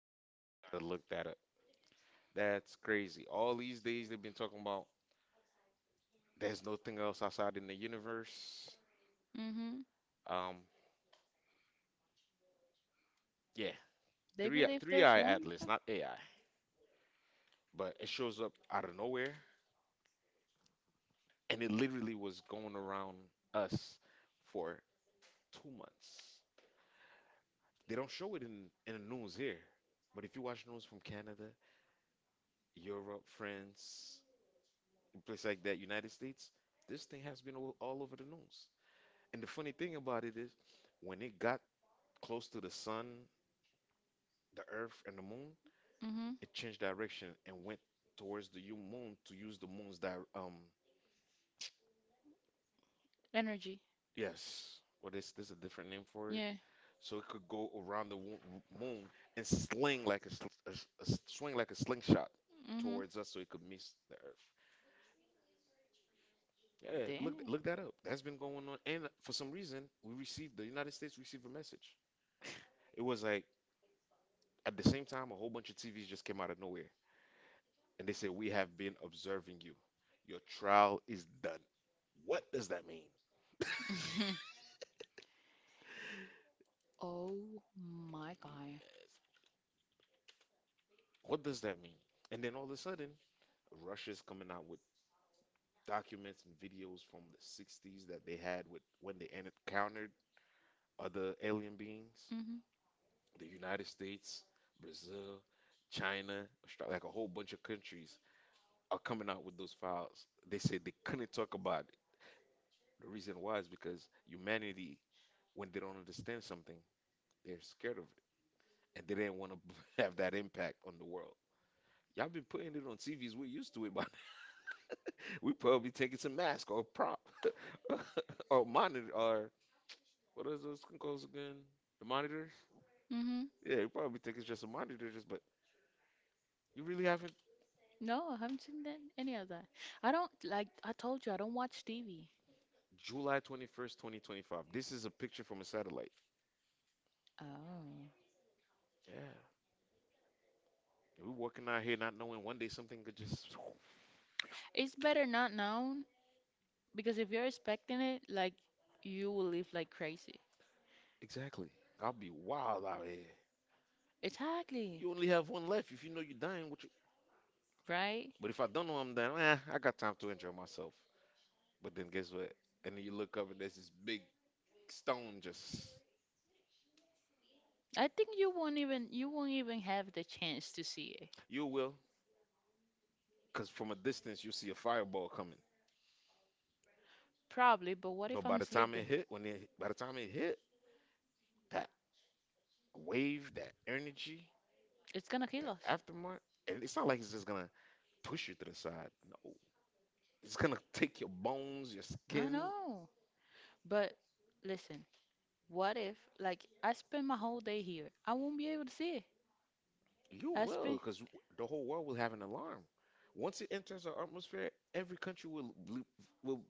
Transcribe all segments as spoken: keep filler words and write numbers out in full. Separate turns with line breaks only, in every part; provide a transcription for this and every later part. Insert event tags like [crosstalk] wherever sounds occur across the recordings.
no.
You got to look that up. That's crazy. All these days they've been talking about there's nothing else outside in the universe.
Hmm.
Um, yeah,
They
three
believe
three
there's
eye
one of
atlas,
them.
not A I, but it shows up out of nowhere, and it literally was going around us for two months. They don't show it in in the news here, but if you watch news from Canada, Europe, France, a place like that, United States, this thing has been all all over the news. And the funny thing about it is, when it got close to the sun, the earth, and the moon,
Hmm.
it changed direction and went towards the u- moon to use the moon's di um
Energy.
Yes, what is this, a different name for it?
Yeah.
So it could go around the wo- moon and sling like a, sl a s- a s- swing like a slingshot
Hmm.
towards us, so it could miss the earth. Yeah, look
Damn.
look that up. That's been going on, and for some reason, we received the United States received a message. It was like at the same time, a whole bunch of T Vs just came out of nowhere. And they say, "We have been observing you. Your trial is done." What does that mean?
[laughs] Oh my god.
What does that mean? And then all of a sudden, Russia's coming out with documents and videos from the sixties that they had with when they en- encountered other alien beings.
Hmm.
The United States, Brazil, China, Austra- like a whole bunch of countries are coming out with those files. They say they couldn't talk about it. The reason why is because humanity, when they don't understand something, they're scared of and they didn't want to [laughs] have that impact on the world. Y'all been putting it on T Vs. We're used to it, but [laughs] we probably taking some mask or prop [laughs] or monitor or what what is those calls again? The monitors?
Hmm.
Yeah, you probably think it's just a monitor, just but you really haven't.
No, I haven't seen that, any of that. I don't like. I told you I don't watch T V.
July twenty-first, twenty twenty-five. This is a picture from a satellite.
Oh,
Yeah, we walking out here not knowing one day something could just
it's better not now. Because if you're expecting it, like you will live like crazy.
[laughs] exactly. I'll be wild out here.
Exactly,
You only have one life. If you know you're dying, what you?
right?
But if I don't know I'm dying, eh, I got time to enjoy myself. But then guess what? And then you look up and there's this big stone just.
I think you won't even you won't even have the chance to see it.
You will, because from a distance you see a fireball coming.
Probably, but what
But
if
by
I'm
the time
sleeping?
it hit, when it by the time it hit, that wave, that energy,
It's gonna kill
that
us.
aftermath, and it's not like it's just gonna push you to the side. No, it's gonna take your bones, your
I
skin.
know. But listen, what if like I spend my whole day here? I won't be able to see it.
You
I
will,
spend
because the whole world will have an alarm. Once it enters our atmosphere, every country will will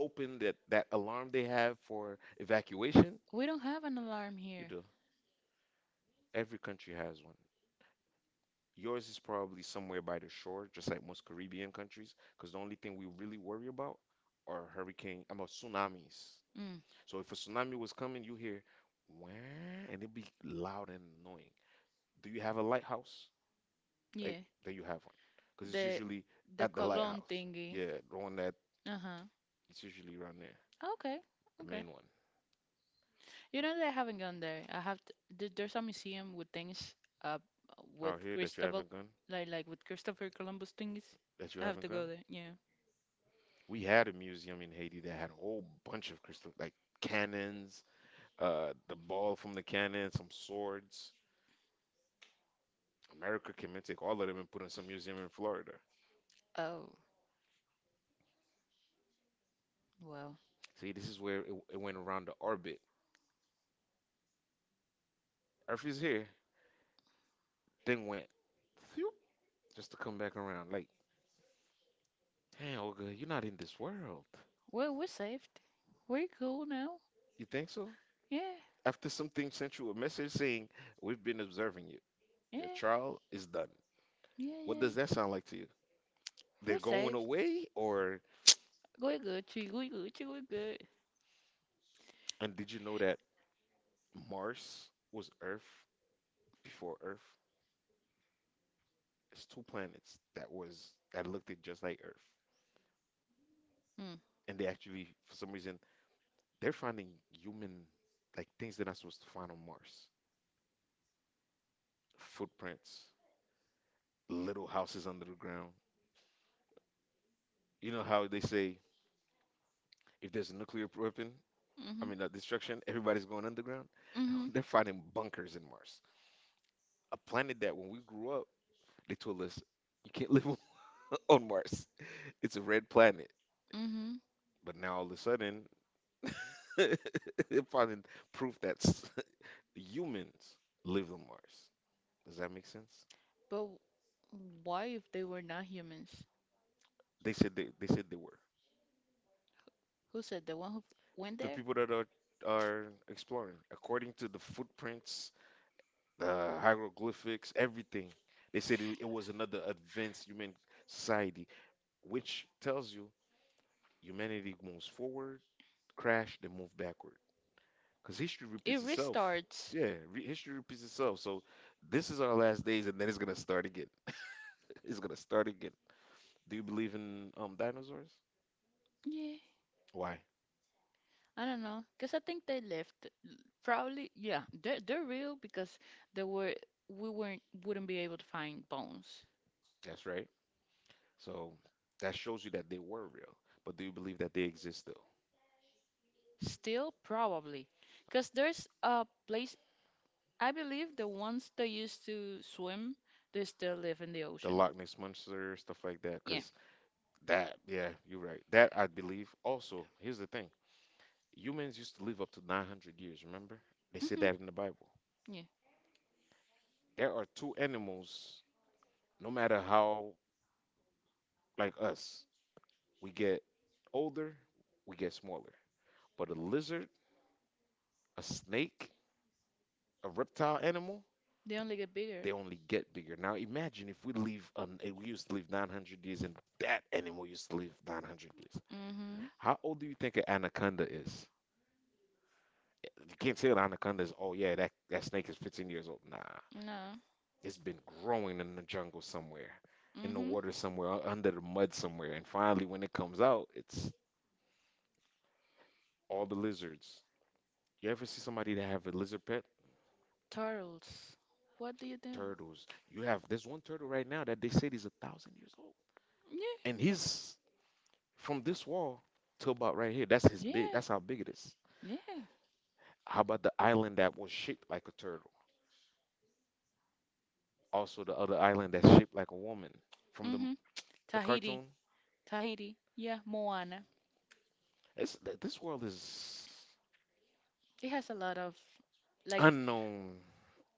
open that that alarm they have for evacuation.
we don't have an alarm
You
here.
do. Every country has one. Yours is probably somewhere by the shore, just like most Caribbean countries, because the only thing we really worry about are hurricane, I mean, tsunamis.
Mm,
So if a tsunami was coming, you hear, wah, and it'd be loud and annoying. Do you have a lighthouse? Like,
yeah.
then you have one, because it's
The
usually
the
at the
cologne
lighthouse.
thingy.
Yeah, the one that
Uh-huh.
it's usually around there,
Okay.
the
Okay.
main one
You know that I haven't gone there. I have to, there- there's a museum with things uh with
out here that you
Cristobal
haven't gone,
like like with Christopher Columbus things.
that you
I have
haven't
to
gone.
go there. Yeah.
We had a museum in Haiti that had a whole bunch of crystal, like cannons uh, the ball from the cannon, some swords. America came and take all of them and put in some museum in Florida.
Oh, well.
See, this is where it, it went around the orbit. Earth is here, then went, phew, just to come back around. Like, damn, Olga, you're not in this world.
Well, we're saved. We're cool now.
You think so?
Yeah.
After something sent you a message saying, "We've been observing you. Your
Yeah.
trial is done."
Yeah,
What
yeah.
does that sound like to you? They're
We're
going
saved.
away, or
We're good. Chi- We're good. Chi- We're good.
and did you know that Mars was Earth before Earth? It's two planets that was that looked it just like Earth,
Mm.
and they actually, for some reason, they're finding human like things they're not supposed to find on Mars. Footprints, little houses under the ground. You know how they say if there's a nuclear weapon, I
Mhm.
mean, uh, destruction, everybody's going underground. [laughs]
Mhm.
They're finding bunkers in Mars, a planet that when we grew up, they told us you can't live [laughs] on on Mars. It's a red planet.
Mhm.
But now all of a sudden, [laughs] they're finding proof that s- [laughs] humans lived on Mars. Does that make sense?
But why if they were not humans?
They said they, they said they were.
Who said the one who went
The
there?
people that are are exploring, according to the footprints, the hieroglyphics, everything, they said it, it was another advanced human society, which tells you humanity moves forward, crash, then move backward. Because history
It
repeats itself.
restarts.
Yeah, re- history repeats itself. So this is our last days, and then it's gonna start again. [laughs] It's gonna start again. Do you believe in um dinosaurs?
Yeah,
Why?
I don't know, cause I think they left. L-. Probably, yeah, they're they're real because they were we weren't wouldn't be able to find bones.
That's right. So that shows you that they were real. But do you believe that they exist still?
Still, probably, cause there's a place I believe the ones that used to swim they still live in the
The
ocean.
Loch Ness Monster, stuff like that,
Yeah.
because that, yeah, you're right. That I believe. Also, here's the thing. Humans used to live up to nine hundred years, remember? They said
Mhm.
that in the Bible.
Yeah.
There are two animals, no matter how, like us, we get older, we get smaller. But a lizard, a snake, a reptile animal,
They only get bigger.
they only get bigger. Now imagine if we live on eh, we used to live nine hundred years and that animal used to live nine hundred years.
Mhm.
How old do you think an anaconda is? Eh, you can't say an anaconda is, oh yeah, that, that snake is fifteen years old. Nah,
No.
it's been growing in the jungle somewhere, in the
Mm-hmm.
water somewhere, u- under the mud somewhere. And finally, when it comes out, it's all the lizards. You ever see somebody that have a lizard pet?
Turtles. What do you do?
Turtles. You have, there's one turtle right now that they said is a thousand years old.
Yeah.
And he's from this wall to about right here, that's his
Yeah.
big. That's how big it is.
Yeah.
How about the island that was shaped like a turtle? Also, the other island that's shaped like a woman from the
Mm-hmm.
the
Tahiti.
cartoon.
Tahiti. Yeah, Moana.
It's th- this world is
It has a lot of like
unknown.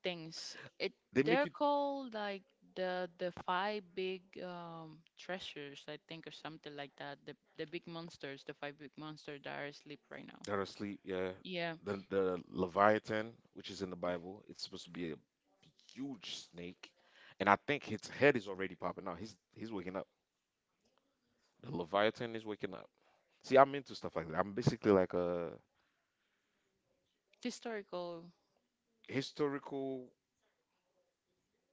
things. It
They make
they're
you
called like the the five big um treasures, I think, or something like that. The the big monsters, the five big monsters that are asleep right now.
that are asleep. Yeah,
Yeah.
the the Leviathan, which is in the Bible, it's supposed to be a huge snake, and I think its head is already popping out. He's he's waking up. The Leviathan is waking up. See, I'm into stuff like that. I'm basically like a
Historical.
historical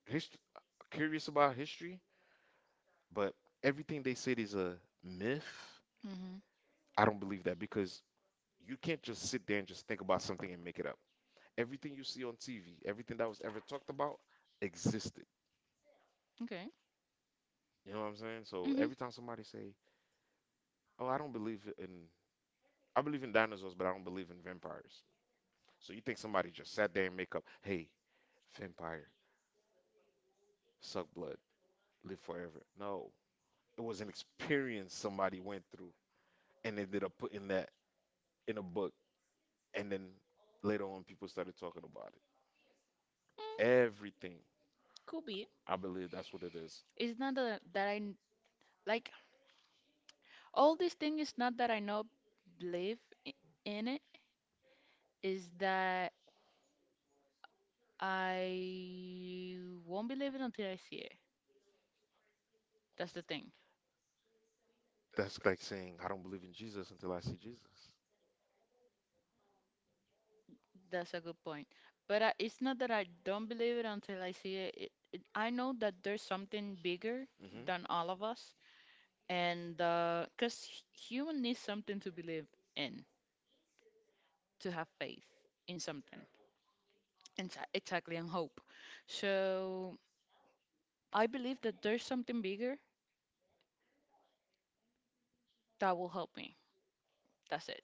hist- curious about history, but everything they said is a myth.
Mm-hmm.
I don't believe that because you can't just sit there and just think about something and make it up. Everything you see on T V, everything that was ever talked about existed.
Okay.
You know what I'm saying? So
Mm-hmm. Mm,
every time somebody say, "Oh, I don't believe in I believe in dinosaurs, but I don't believe in vampires." So you think somebody just sat there and make up, "Hey, vampire, suck blood, live forever." No, it was an experience somebody went through and ended up putting that in a book. And then later on, people started talking about it. Everything.
could be.
I believe that's what it is.
It's not a, that I n- like all these things. It's not that I not believe I- in it. Is that I won't believe it until I see it. That's the thing.
That's like saying, I don't believe in Jesus until I see Jesus.
That's a good point. But I, it's not that I don't believe it until I see it. It, it. I know that there's something bigger than all of us, and uh 'cause cause human needs something to believe in, to have faith in something, and exactly, and hope. So. I believe that there's something bigger that will help me. That's it.